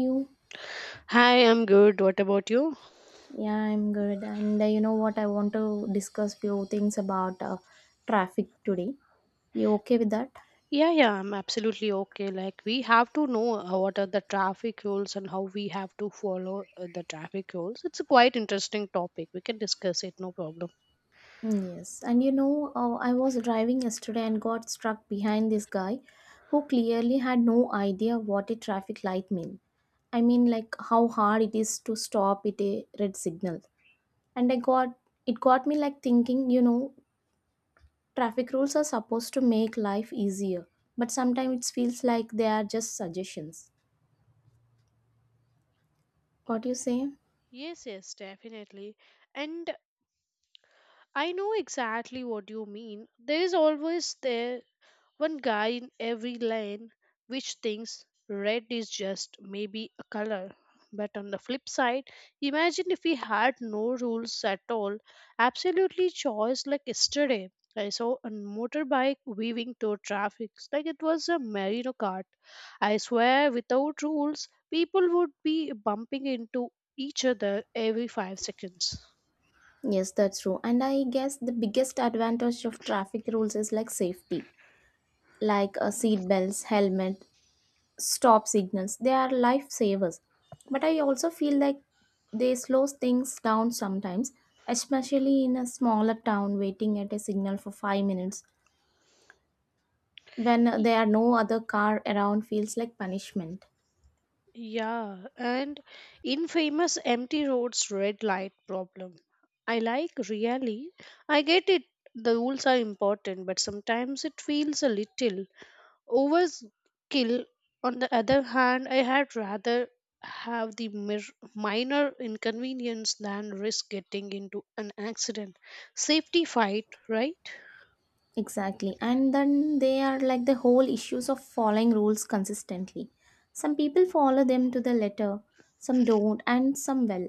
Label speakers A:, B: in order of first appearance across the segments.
A: You?
B: Hi, I'm good. What about you?
A: Yeah, I'm good. And you know what, I want to discuss few things about traffic today. You okay with that?
B: Yeah, yeah, I'm absolutely okay. Like, we have to know what are the traffic rules and how we have to follow the traffic rules. It's a quite interesting topic. We can discuss it, no problem.
A: Mm, yes. And you know, I was driving yesterday and got struck behind this guy who clearly had no idea what a traffic light mean. I mean, like, how hard it is to stop at a red signal? And I got it got me, like, thinking, you know, traffic rules are supposed to make life easier, but sometimes it feels like they are just suggestions. What do you say?
B: Yes, yes, definitely. And I know exactly what you mean. There is always there one guy in every lane which thinks red is just maybe a color. But on the flip side, imagine if we had no rules at all, absolutely choice like yesterday. I saw a motorbike weaving through traffic like it was a merino cart. I swear, without rules, people would be bumping into each other every 5 seconds.
A: Yes, that's true. And I guess the biggest advantage of traffic rules is like safety, like seat belts, helmet, stop signals. They are lifesavers. But I also feel like they slow things down sometimes, especially in a smaller town waiting at a signal for 5 minutes when there are no other car around feels like punishment.
B: Yeah, and infamous empty roads red light problem. I like really. I get it. The rules are important, but sometimes it feels a little overkill. On the other hand, I had rather have the mir- minor inconvenience than risk getting into an accident. Safety fight, right?
A: Exactly. And then they are like the whole issues of following rules consistently. Some people follow them to the letter, some don't, and some, well,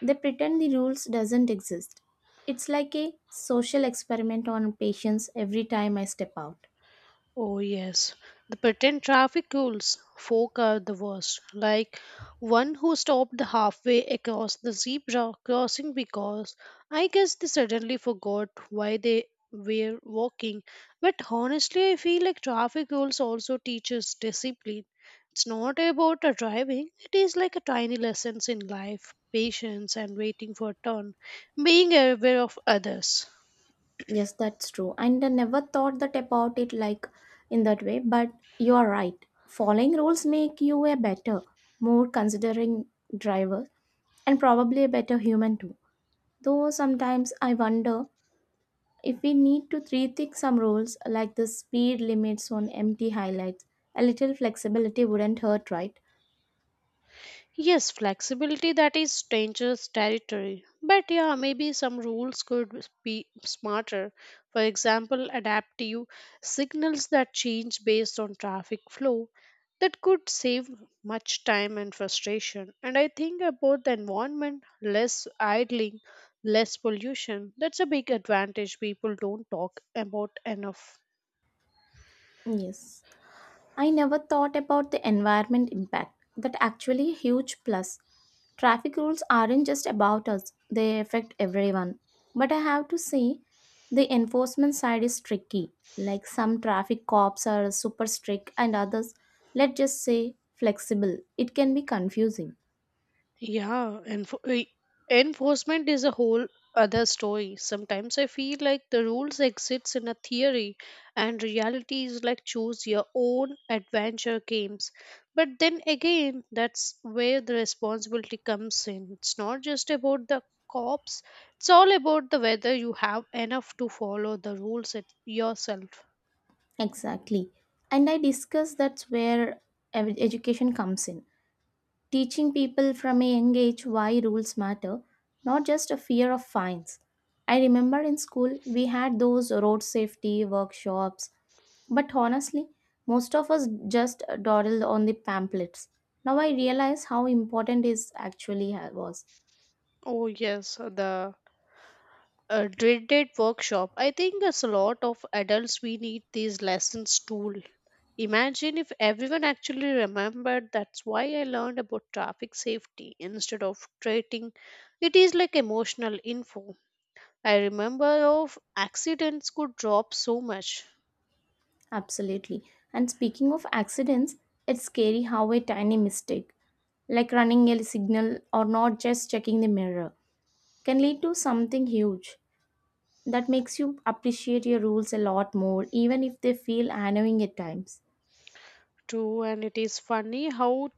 A: they pretend the rules doesn't exist. It's like a social experiment on patience every time I step out.
B: Oh, yes. The pretend traffic rules. Folk are the worst. Like one who stopped halfway across the zebra crossing because I guess they suddenly forgot why they were walking. But honestly, I feel like traffic rules also teaches discipline. It's not about a driving, it is like a tiny lessons in life, patience and waiting for a turn, being aware of others.
A: Yes, that's true. And I never thought that about it like in that way, but you are right. Following rules make you a better, more considering driver, and probably a better human too. Though sometimes I wonder if we need to rethink some rules like the speed limits on empty highlights. A little flexibility wouldn't hurt, right?
B: Yes, flexibility that is dangerous territory. But yeah, maybe some rules could be smarter. For example, adaptive signals that change based on traffic flow that could save much time and frustration. And I think about the environment, less idling, less pollution. That's a big advantage people don't talk about enough.
A: Yes. I never thought about the environment impact. That actually a huge plus. Traffic rules aren't just about us, they affect everyone. But I have to say, the enforcement side is tricky. Like, some traffic cops are super strict, and others, let's just say, flexible. It can be confusing.
B: Yeah, enforcement is a whole other story. Sometimes I feel like the rules exists in a theory and reality is like choose your own adventure games. But then again, that's where the responsibility comes in. It's not just about the cops, it's all about the whether you have enough to follow the rules it yourself.
A: Exactly. And I discuss that's where education comes in. Teaching people from a young age why rules matter, not just a fear of fines. I remember in school we had those road safety workshops, but honestly, most of us just dawdled on the pamphlets. Now I realize how important it actually was.
B: Oh yes, the a dreaded workshop. I think as a lot of adults we need these lessons too. Imagine if everyone actually remembered that's why I learned about traffic safety instead of treating it is like emotional info. I remember of accidents could drop so much
A: Absolutely. And speaking of accidents, it's scary how a tiny mistake, like running a signal or not just checking the mirror, can lead to something huge. That makes you appreciate your rules a lot more, even if they feel annoying at times.
B: too. And it is funny how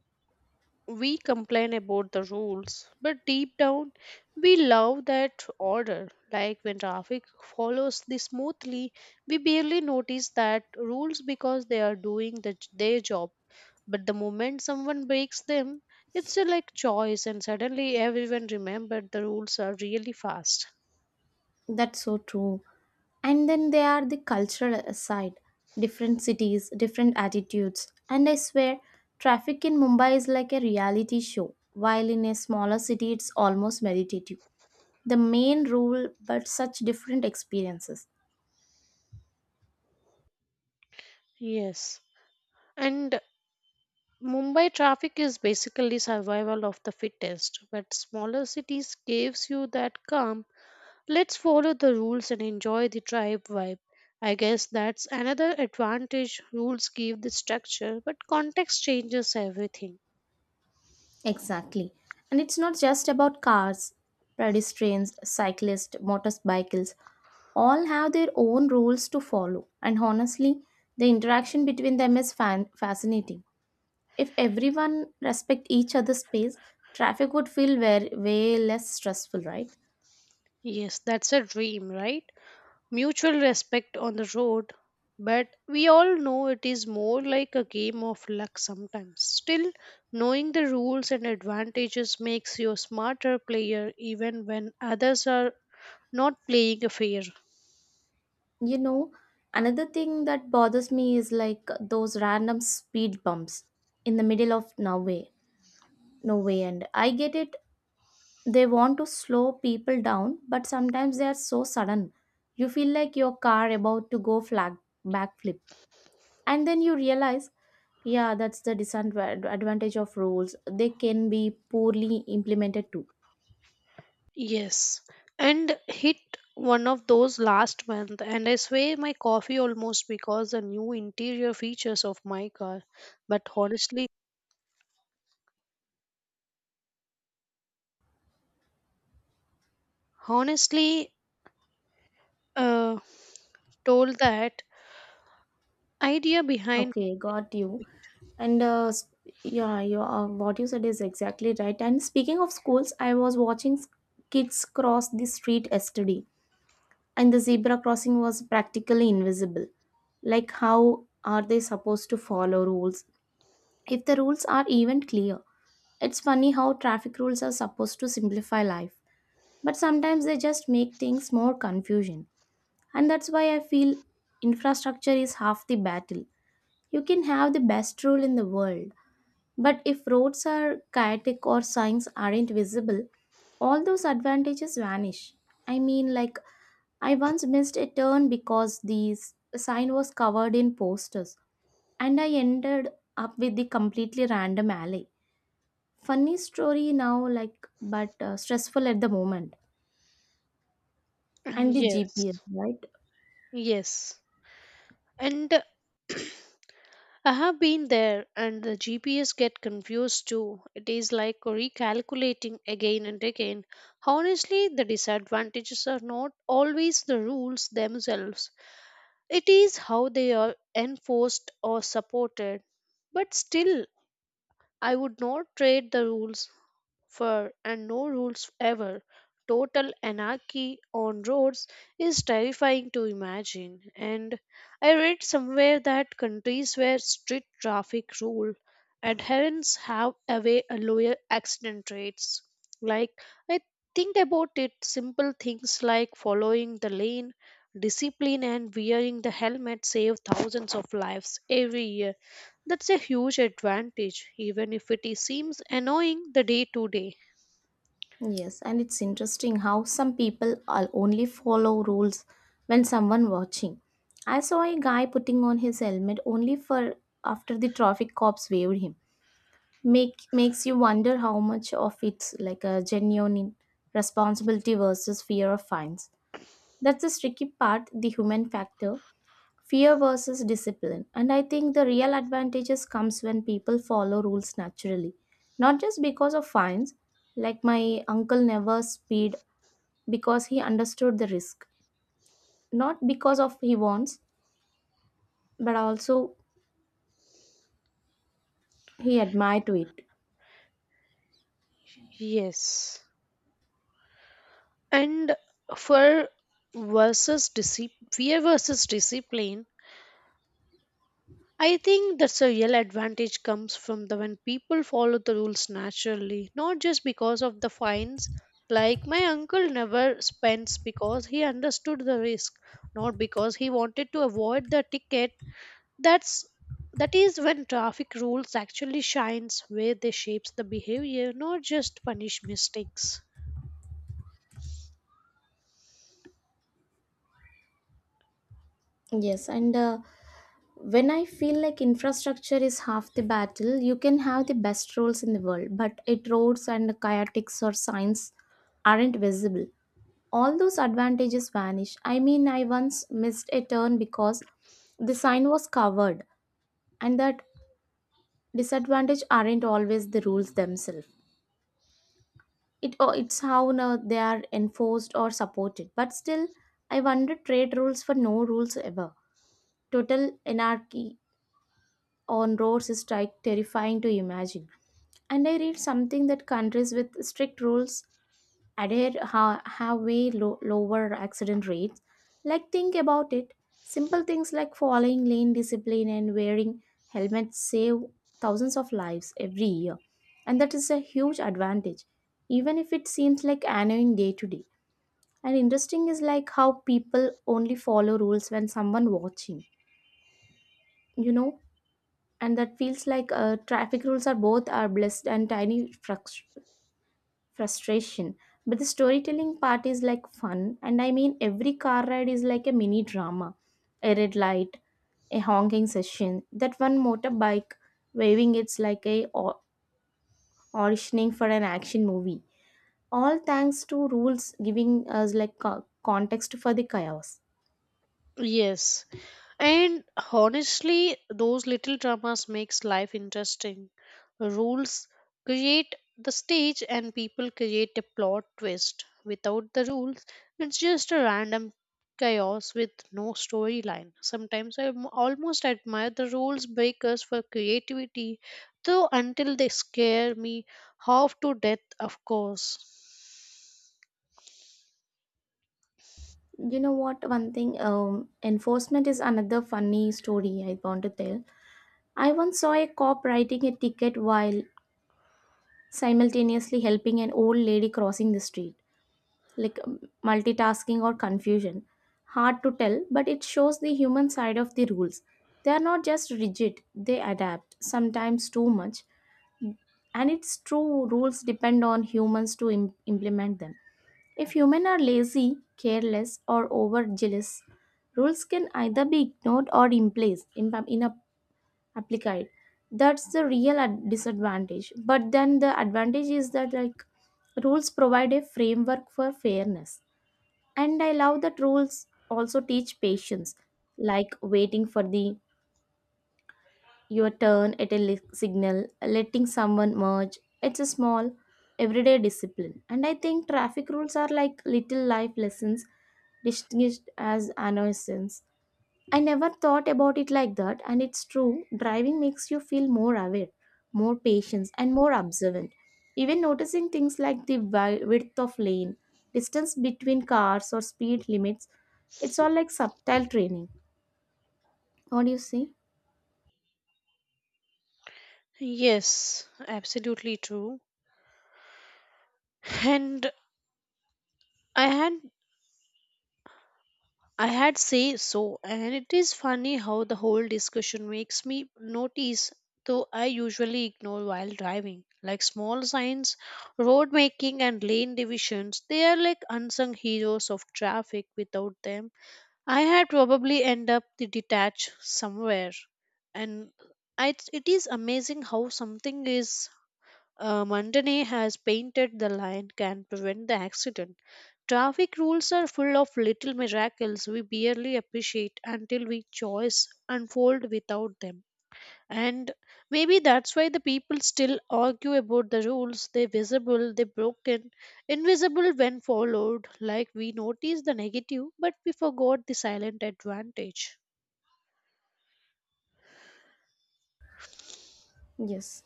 B: we complain about the rules, but deep down, we love that order. Like when traffic follows this smoothly, we barely notice that rules because they are doing their job. But the moment someone breaks them, it's a like choice, and suddenly everyone remembered the rules are really fast.
A: That's so true. And then there are the cultural side, different cities, different attitudes. And I swear, traffic in Mumbai is like a reality show, while in a smaller city, it's almost meditative. The main rule, but such different experiences.
B: Yes. And Mumbai traffic is basically survival of the fittest, but smaller cities gives you that calm. Let's follow the rules and enjoy the tribe vibe. I guess that's another advantage. Rules give the structure, but context changes everything.
A: Exactly. And it's not just about cars, pedestrians, cyclists, motorcycles, all have their own rules to follow. And honestly, the interaction between them is fascinating. If everyone respect each other's space, traffic would feel very way less stressful, right?
B: Yes, that's a dream, right? Mutual respect on the road, but we all know it is more like a game of luck sometimes. Still, knowing the rules and advantages makes you a smarter player even when others are not playing a fair.
A: You know, another thing that bothers me is like those random speed bumps in the middle of nowhere. No way, and I get it. They want to slow people down, but sometimes they are so sudden. You feel like your car about to go flag backflip, and then you realize, yeah, that's the disadvantage of rules. They can be poorly implemented too.
B: Yes, and hit one of those last month, and I sway my coffee almost because the new interior features of my car. But honestly, honestly, uh, told that idea behind
A: Okay, got you. And yeah, you what you said is exactly right. And speaking of schools, I was watching kids cross the street yesterday. And the zebra crossing was practically invisible. Like, how are they supposed to follow rules if the rules are even clear? It's funny how traffic rules are supposed to simplify life, but sometimes they just make things more confusion. And that's why I feel infrastructure is half the battle. You can have the best rule in the world, but if roads are chaotic or signs aren't visible, all those advantages vanish. I mean, like, I once missed a turn because the sign was covered in posters, and I ended up with the completely random alley. Funny story now, like, but stressful at the moment. And the GPS,
B: yes,
A: right?
B: yes, and I have been there, and the GPS get confused too. It is like recalculating again and again. Honestly, the disadvantages are not always the rules themselves. It is how they are enforced or supported. But still, I would not trade the rules fur and no rules ever. Total anarchy on roads is terrifying to imagine. And I read somewhere that countries where strict traffic rule adherence have away a lower accident rates. Like I think about it, simple things like following the lane, discipline, and wearing the helmet save thousands of lives every year. That's a huge advantage, even if seems annoying the day to day.
A: Yes, and it's interesting how some people only follow rules when someone watching. I saw a guy putting on his helmet only for after the traffic cops waved him, makes you wonder how much of it's like a genuine responsibility versus fear of fines. That's the tricky part, the human factor, fear versus discipline. And I think the real advantages comes when people follow rules naturally, not just because of fines. Like, my uncle never speed because he understood the risk, not because of he wants, but also he admired to it.
B: Yes. And for versus discipline, fear versus discipline, I think that's a real advantage comes from the when people follow the rules naturally, not just because of the fines. Like my uncle never spends because he understood the risk, not because he wanted to avoid the ticket. That's that is when traffic rules actually shines where they shapes the behavior, not just punish mistakes.
A: Yes, and when I feel like infrastructure is half the battle, you can have the best roads in the world, but it roads and kayaks or signs aren't visible. All those advantages vanish. I mean, I once missed a turn because the sign was covered, and that disadvantage aren't always the rules themselves. It, it's how now they are enforced or supported. But still, I wonder trade rules for no rules ever. Total anarchy on roads is terrifying to imagine. And I read something that countries with strict rules adhere have way lower accident rates. Like, think about it, simple things like following lane discipline and wearing helmets save thousands of lives every year, and that is a huge advantage, even if it seems like annoying day to day. And interesting is like how people only follow rules when someone watching. You know, and that feels like traffic rules are both are blessed and tiny frus- frustration. But the storytelling part is like fun. And I mean, every car ride is like a mini drama, a red light, a honking session, that one motorbike waving. It's like a auditioning for an action movie, all thanks to rules giving us like context for the chaos.
B: Yes. And honestly, those little dramas makes life interesting. Rules create the stage and people create a plot twist. Without the rules, it's just a random chaos with no storyline. Sometimes almost admire the rules breakers for creativity, though until they scare me half to death, of course.
A: You know what, one thing, enforcement is another funny story I want to tell. I once saw a cop writing a ticket while simultaneously helping an old lady crossing the street, like, multitasking or confusion. Hard to tell, but it shows the human side of the rules. They are not just rigid, they adapt, sometimes too much. And it's true, rules depend on humans to implement them. If humans are lazy, careless, or overzealous, rules can either be ignored or in place, in, applied. That's the real disadvantage. But then the advantage is that, like, rules provide a framework for fairness. And I love that rules also teach patience, like waiting for the your turn at a signal, letting someone merge. It's a small everyday discipline. And I think traffic rules are like little life lessons distinguished as annoyances. I never thought about it like that, and it's true. Driving makes you feel more aware, more patient, and more observant. Even noticing things like the width of lane, distance between cars, or speed limits, it's all like subtle training. What do you say?
B: Yes, absolutely true. And I had I had say so, and it is funny how the whole discussion makes me notice though I usually ignore while driving. Like small signs, road making and lane divisions, they are like unsung heroes of traffic. Without them, I had probably end up the detached somewhere. And I, it is amazing how something is Montanay has painted the line can prevent the accident. Traffic rules are full of little miracles we barely appreciate until we choice unfold without them. And maybe that's why the people still argue about the rules. They're visible, they're broken, invisible when followed. Like we notice the negative, but we forgot the silent advantage.
A: Yes,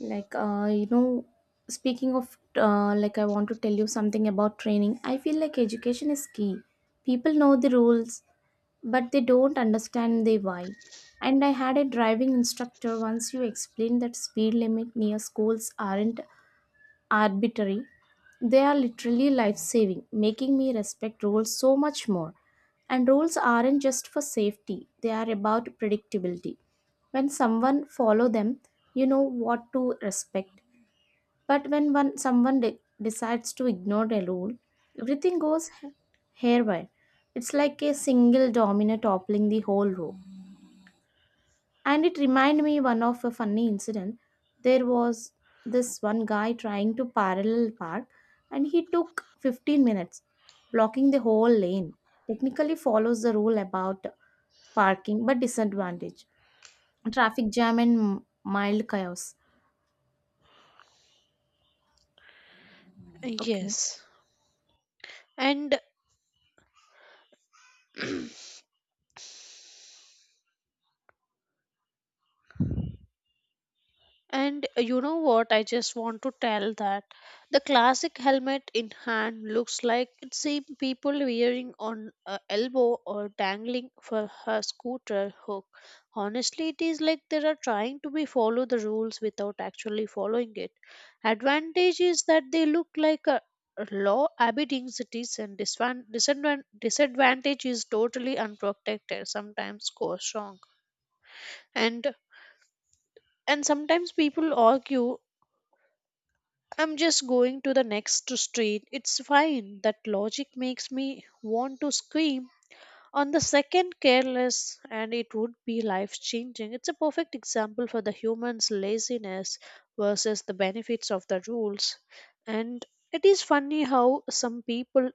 A: like, you know, speaking of like, I want to tell you something about training. I feel like education is key. People know the rules, but they don't understand the why. And I had a driving instructor once you explained that speed limit near schools aren't arbitrary. They are literally life saving, making me respect rules so much more. And rules aren't just for safety, they are about predictability. When someone follow them, you know what to respect. But when one someone decides to ignore a rule, everything goes haywire. It's like a single domino toppling the whole room. And it reminded me one of a funny incident. There was this one guy trying to parallel park, and he took 15 minutes, blocking the whole lane. Technically follows the rule about parking, but disadvantage, traffic jam, and mild chaos. Okay.
B: Yes. And And you know what? I just want to tell that the classic helmet in hand looks like it's same people wearing on a elbow or dangling for her scooter hook. Honestly, it is like they are trying to be follow the rules without actually following it. Advantage is that they look like a law abiding citizen. Disadvantage is totally unprotected. Sometimes goes wrong, and sometimes people argue I'm just going to the next street. It's fine. That logic makes me want to scream. On the second, careless, and it would be life changing. It's a perfect example for the human's laziness versus the benefits of the rules. And it is funny how some people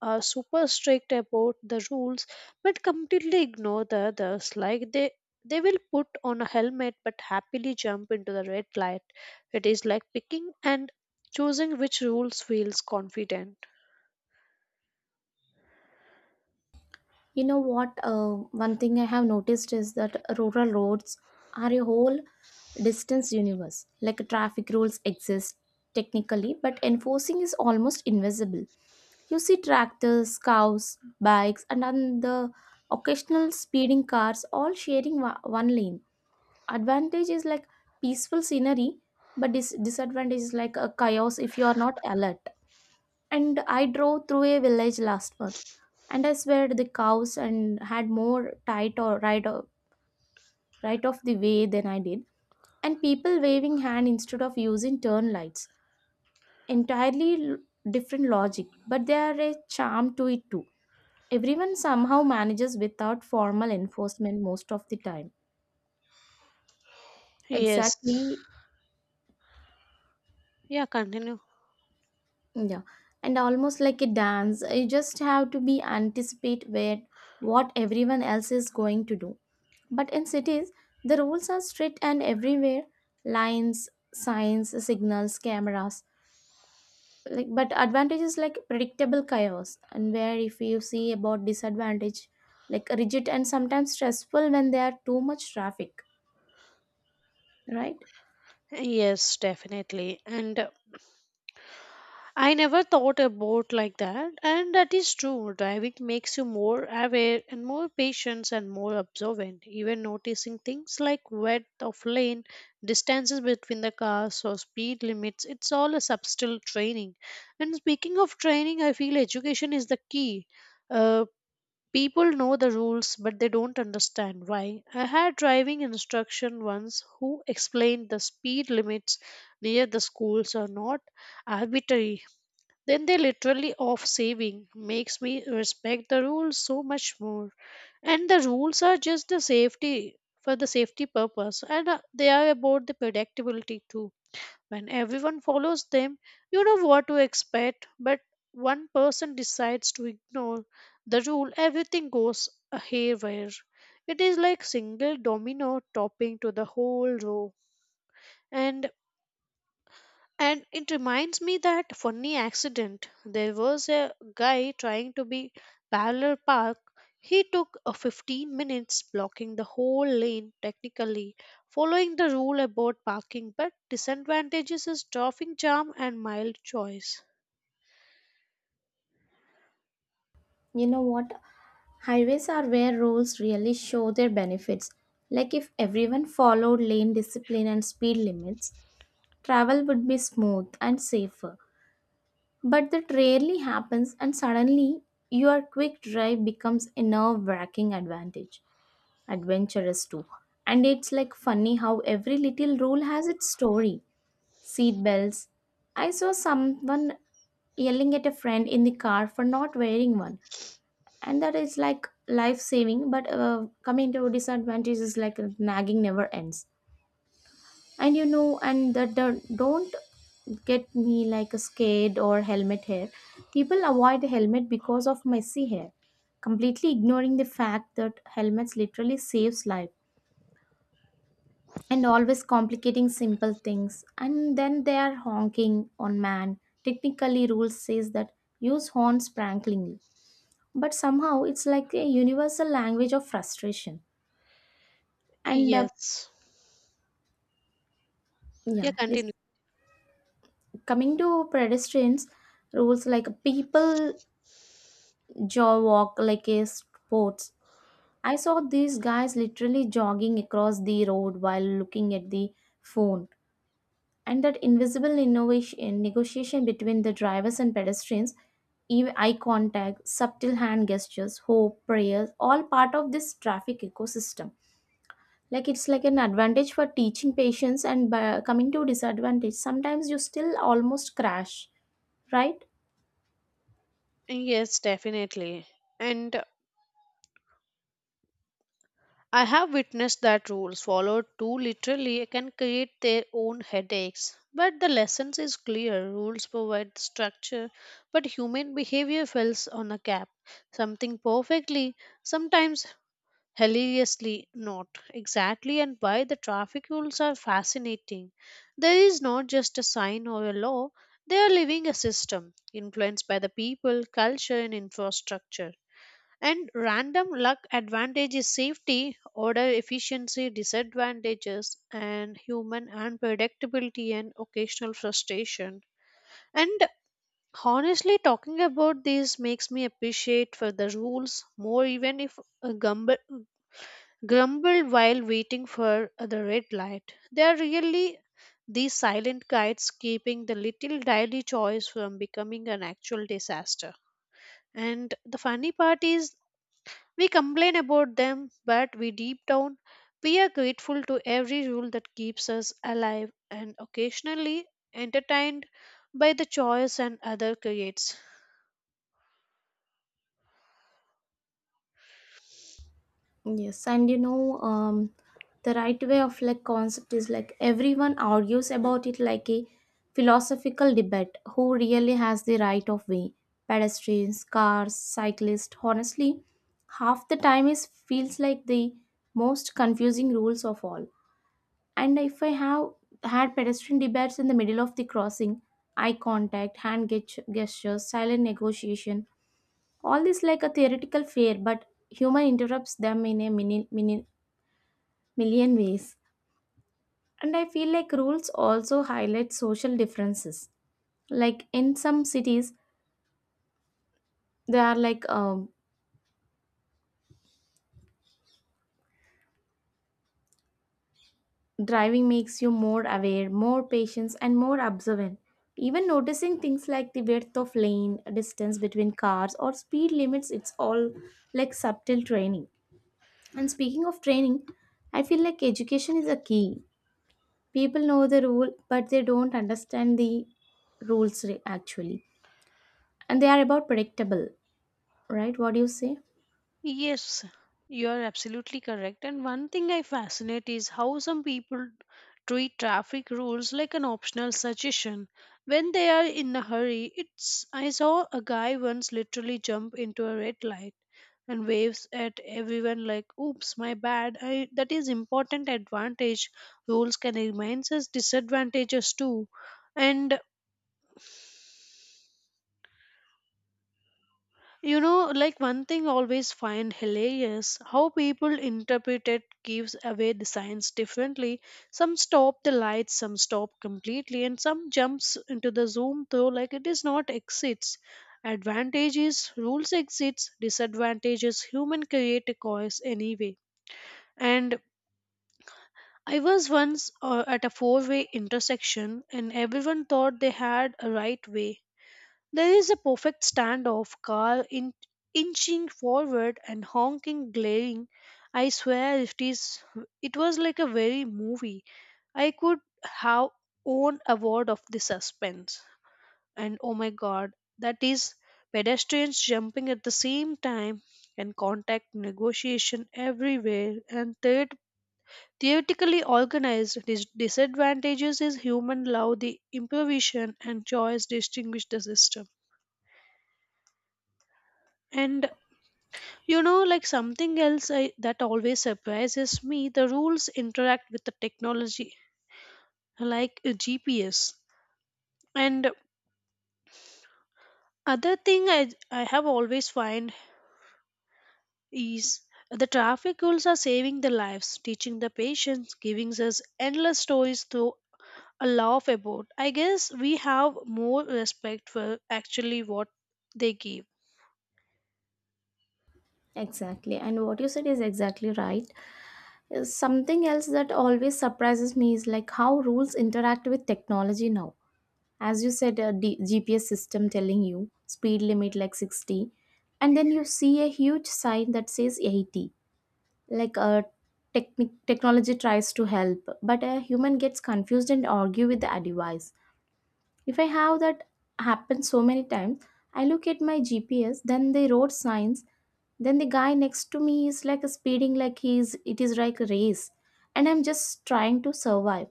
B: are super strict about the rules but completely ignore the others. Like they will put on a helmet but happily jump into the red light. It is like picking and choosing which rules feels confident.
A: You know what? One thing I have noticed is that rural roads are a whole distance universe. Like, traffic rules exist technically, but enforcing is almost invisible. You see tractors, cows, bikes, and then the occasional speeding cars all sharing one lane. Advantage is like peaceful scenery, but disadvantage is like a chaos if you are not alert. And I drove through a village last month, and I swear the cows and had more tight or right of the way than I did, and people waving hand instead of using turn lights. Entirely different logic, but there are a charm to it too. Everyone somehow manages without formal enforcement most of the time.
B: Yes.
A: Exactly,
B: Yeah, continue.
A: yeah, and almost like a dance. You just have to be anticipate where what everyone else is going to do. But in cities, the rules are strict and everywhere, lines, signs, signals, cameras. Like, but advantage is like predictable chaos, and where if you see about disadvantage, like rigid and sometimes stressful when there are too much traffic, right?
B: Yes, definitely. And I never thought about like that. And that is true. Driving makes you more aware and more patient and more observant, even noticing things like width of lane, distances between the cars or speed limits. It's all a subtle training. And speaking of training, I feel education is the key. Uh, People know the rules, but they don't understand why. I had driving instruction once who explained the speed limits near the schools are not arbitrary. Then they literally off saving makes me respect the rules so much more. And the rules are just the safety for the safety purpose and they are about the predictability too. When everyone follows them, you know what to expect, but one person decides to ignore the rule, everything goes haywire. It is like single domino topping to the whole row. And it reminds me that funny accident. There was a guy trying to be parallel park. He took a 15 minutes blocking the whole lane, technically following the rule about parking, but disadvantages is traffic jam and mild choice.
A: You know what? Highways are where rules really show their benefits. Like if everyone followed lane discipline and speed limits, travel would be smooth and safer. But that rarely happens, and suddenly your quick drive becomes a nerve wracking advantage. Adventurous too. And it's like funny how every little rule has its story. Seat belts. I saw someone yelling at a friend in the car for not wearing one. And that is like life saving, but coming to disadvantages like nagging never ends. And you know, and that the, don't get me like a skate or helmet hair. People avoid helmet because of messy hair, completely ignoring the fact that helmets literally saves life and always complicating simple things. And then they are honking on man. Technically, rules says that use horns pranklingly, but somehow it's like a universal language of frustration. And
B: Yes. Yeah,
A: yeah, please
B: continue.
A: coming to pedestrians rules like people jaw walk like a sports. I saw these guys literally jogging across the road while looking at the phone, and that invisible innovation negotiation between the drivers and pedestrians, even eye contact, subtle hand gestures, hope, prayers, all part of this traffic ecosystem. Like it's like an advantage for teaching patience, and by coming to disadvantage, sometimes you still almost crash, right?
B: Yes, definitely. And I have witnessed that rules followed too literally can create their own headaches. But the lesson is clear. Rules provide the structure, but human behavior fills on a gap. Something perfectly, sometimes hilariously not. Exactly and why the traffic rules are fascinating. There is not just a sign or a law, they are living a system influenced by the people, culture and infrastructure. And random luck advantage is safety, order efficiency disadvantages, and human unpredictability and occasional frustration. And honestly, talking about this makes me appreciate for the rules more, even if a grumble while waiting for the red light. They are really these silent guides keeping the little daily choice from becoming an actual disaster. And the funny part is we complain about them, but we deep down we are grateful to every rule that keeps us alive and occasionally entertained by the choice and other creates.
A: Yes, and you know, the right way of like concept is like everyone argues about it like a philosophical debate. Who really has the right of way? Pedestrians, cars, cyclists. Honestly, half the time is feels like the most confusing rules of all. And if I have had pedestrian debates in the middle of the crossing, eye contact, gestures, silent negotiation, all this like a theoretical fair, but human interrupts them in a mini million ways. And I feel like rules also highlight social differences. Like in some cities, they are like driving makes you more aware, more patient, and more observant. Even noticing things like the width of lane, distance between cars, or speed limits, it's all like subtle training. And speaking of training, I feel like education is a key. People know the rule, but they don't understand the actually. And they are about predictable, right? What do you say?
B: Yes, you are absolutely correct. And one thing I fascinate is how some people treat traffic rules like an optional suggestion. When they are in a hurry, it's I saw a guy once literally jump into a red light and waves at everyone like oops my bad I, that is important advantage rules can remain as disadvantages too. And you know like one thing always find hilarious how people interpret it gives away the signs differently. Some stop the lights, some stop completely, and some jumps into the zoom though like it is not exits advantages rules exits disadvantages human create a cause anyway. And I was once at a four-way intersection and everyone thought they had a right way. There is a perfect standoff, inching forward and honking, glaring. I swear it was like a very movie. I could have own award of the suspense. And oh my god, that is pedestrians jumping at the same time and contact negotiation everywhere and third theoretically organized, disadvantages is human love, the improvisation and choice distinguish the system. And you know, like something else I, that always surprises me, the rules interact with the technology, like a GPS. And other thing I have always find is the traffic rules are saving the lives, teaching the patience, giving us endless stories through laugh about. I guess we have more respect for actually what they give.
A: Exactly. And what you said is exactly right. Something else that always surprises me is like how rules interact with technology now. As you said, a GPS system telling you speed limit like 60, and then you see a huge sign that says 80. Like a technic technology tries to help, but a human gets confused and argue with the device. If I have that happen so many times, I look at my GPS, then the road signs, then the guy next to me is like speeding like he's it is like a race, and I'm just trying to survive,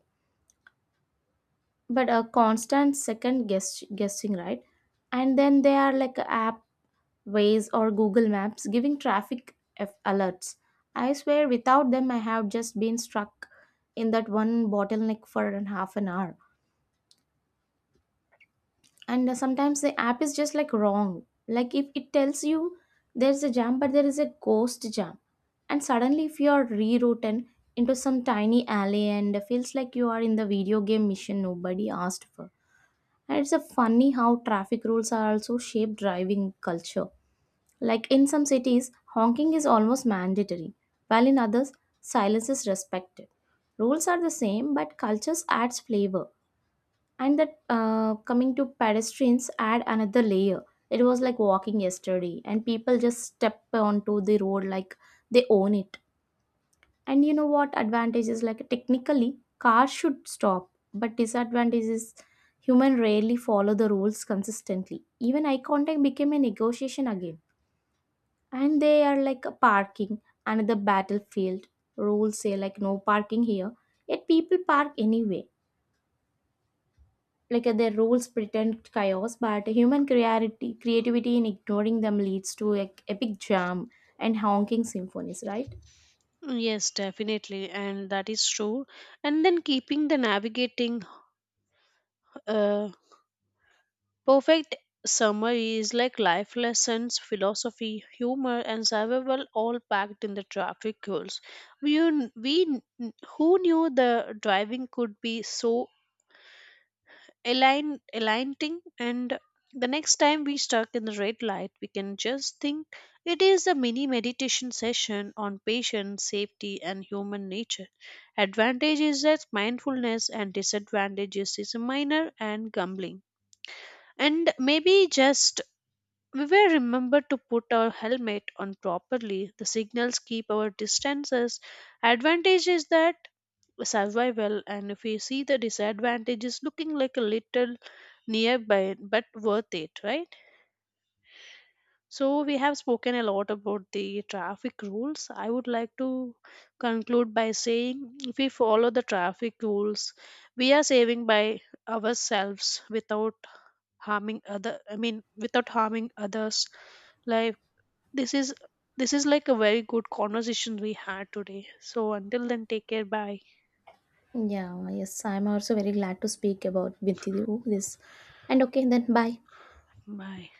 A: but a constant second guess guessing, right? And then there are like app ways or Google Maps giving traffic alerts. I swear without them I have just been stuck in that one bottleneck for an half an hour. And sometimes the app is just like wrong. Like if it tells you there's a jam but there is a ghost jam, and suddenly if you are rerouted into some tiny alley and feels like you are in the video game mission nobody asked for. And it's a funny how traffic rules are also shape driving culture. Like in some cities, honking is almost mandatory, while in others silence is respected. Rules are the same but cultures adds flavor. And that coming to pedestrians add another layer. It was like walking yesterday and people just step onto the road like they own it. And you know what, advantage is like technically cars should stop, but disadvantage is human rarely follow the rules consistently, even eye contact became a negotiation again. And they are like a parking, another battlefield. Rules say like no parking here, yet people park anyway. Like their rules pretend chaos but human creativity in ignoring them leads to like epic jam and honking symphonies, right?
B: Yes, definitely, and that is true. And then keeping the navigating uh, perfect summary is like life lessons, philosophy, humor, and survival all packed in the traffic rules. We un- we n- Who knew the driving could be so aligning. And the next time we stuck in the red light we can just think it is a mini meditation session on patience safety and human nature. Advantage is that mindfulness and disadvantages is minor and gambling. And maybe just we will remember to put our helmet on properly the signals keep our distances. Advantage is that survival, and if we see the disadvantages looking like a little nearby but worth it, right? So we have spoken a lot about the traffic rules. I would like to conclude by saying if we follow the traffic rules we are saving by ourselves without harming other I mean without harming others. Like this is this is like a very good conversation we had today. So until then, take care, bye,
A: Yeah, yes, I'm also very glad to speak about with you this, and okay then, bye.
B: bye.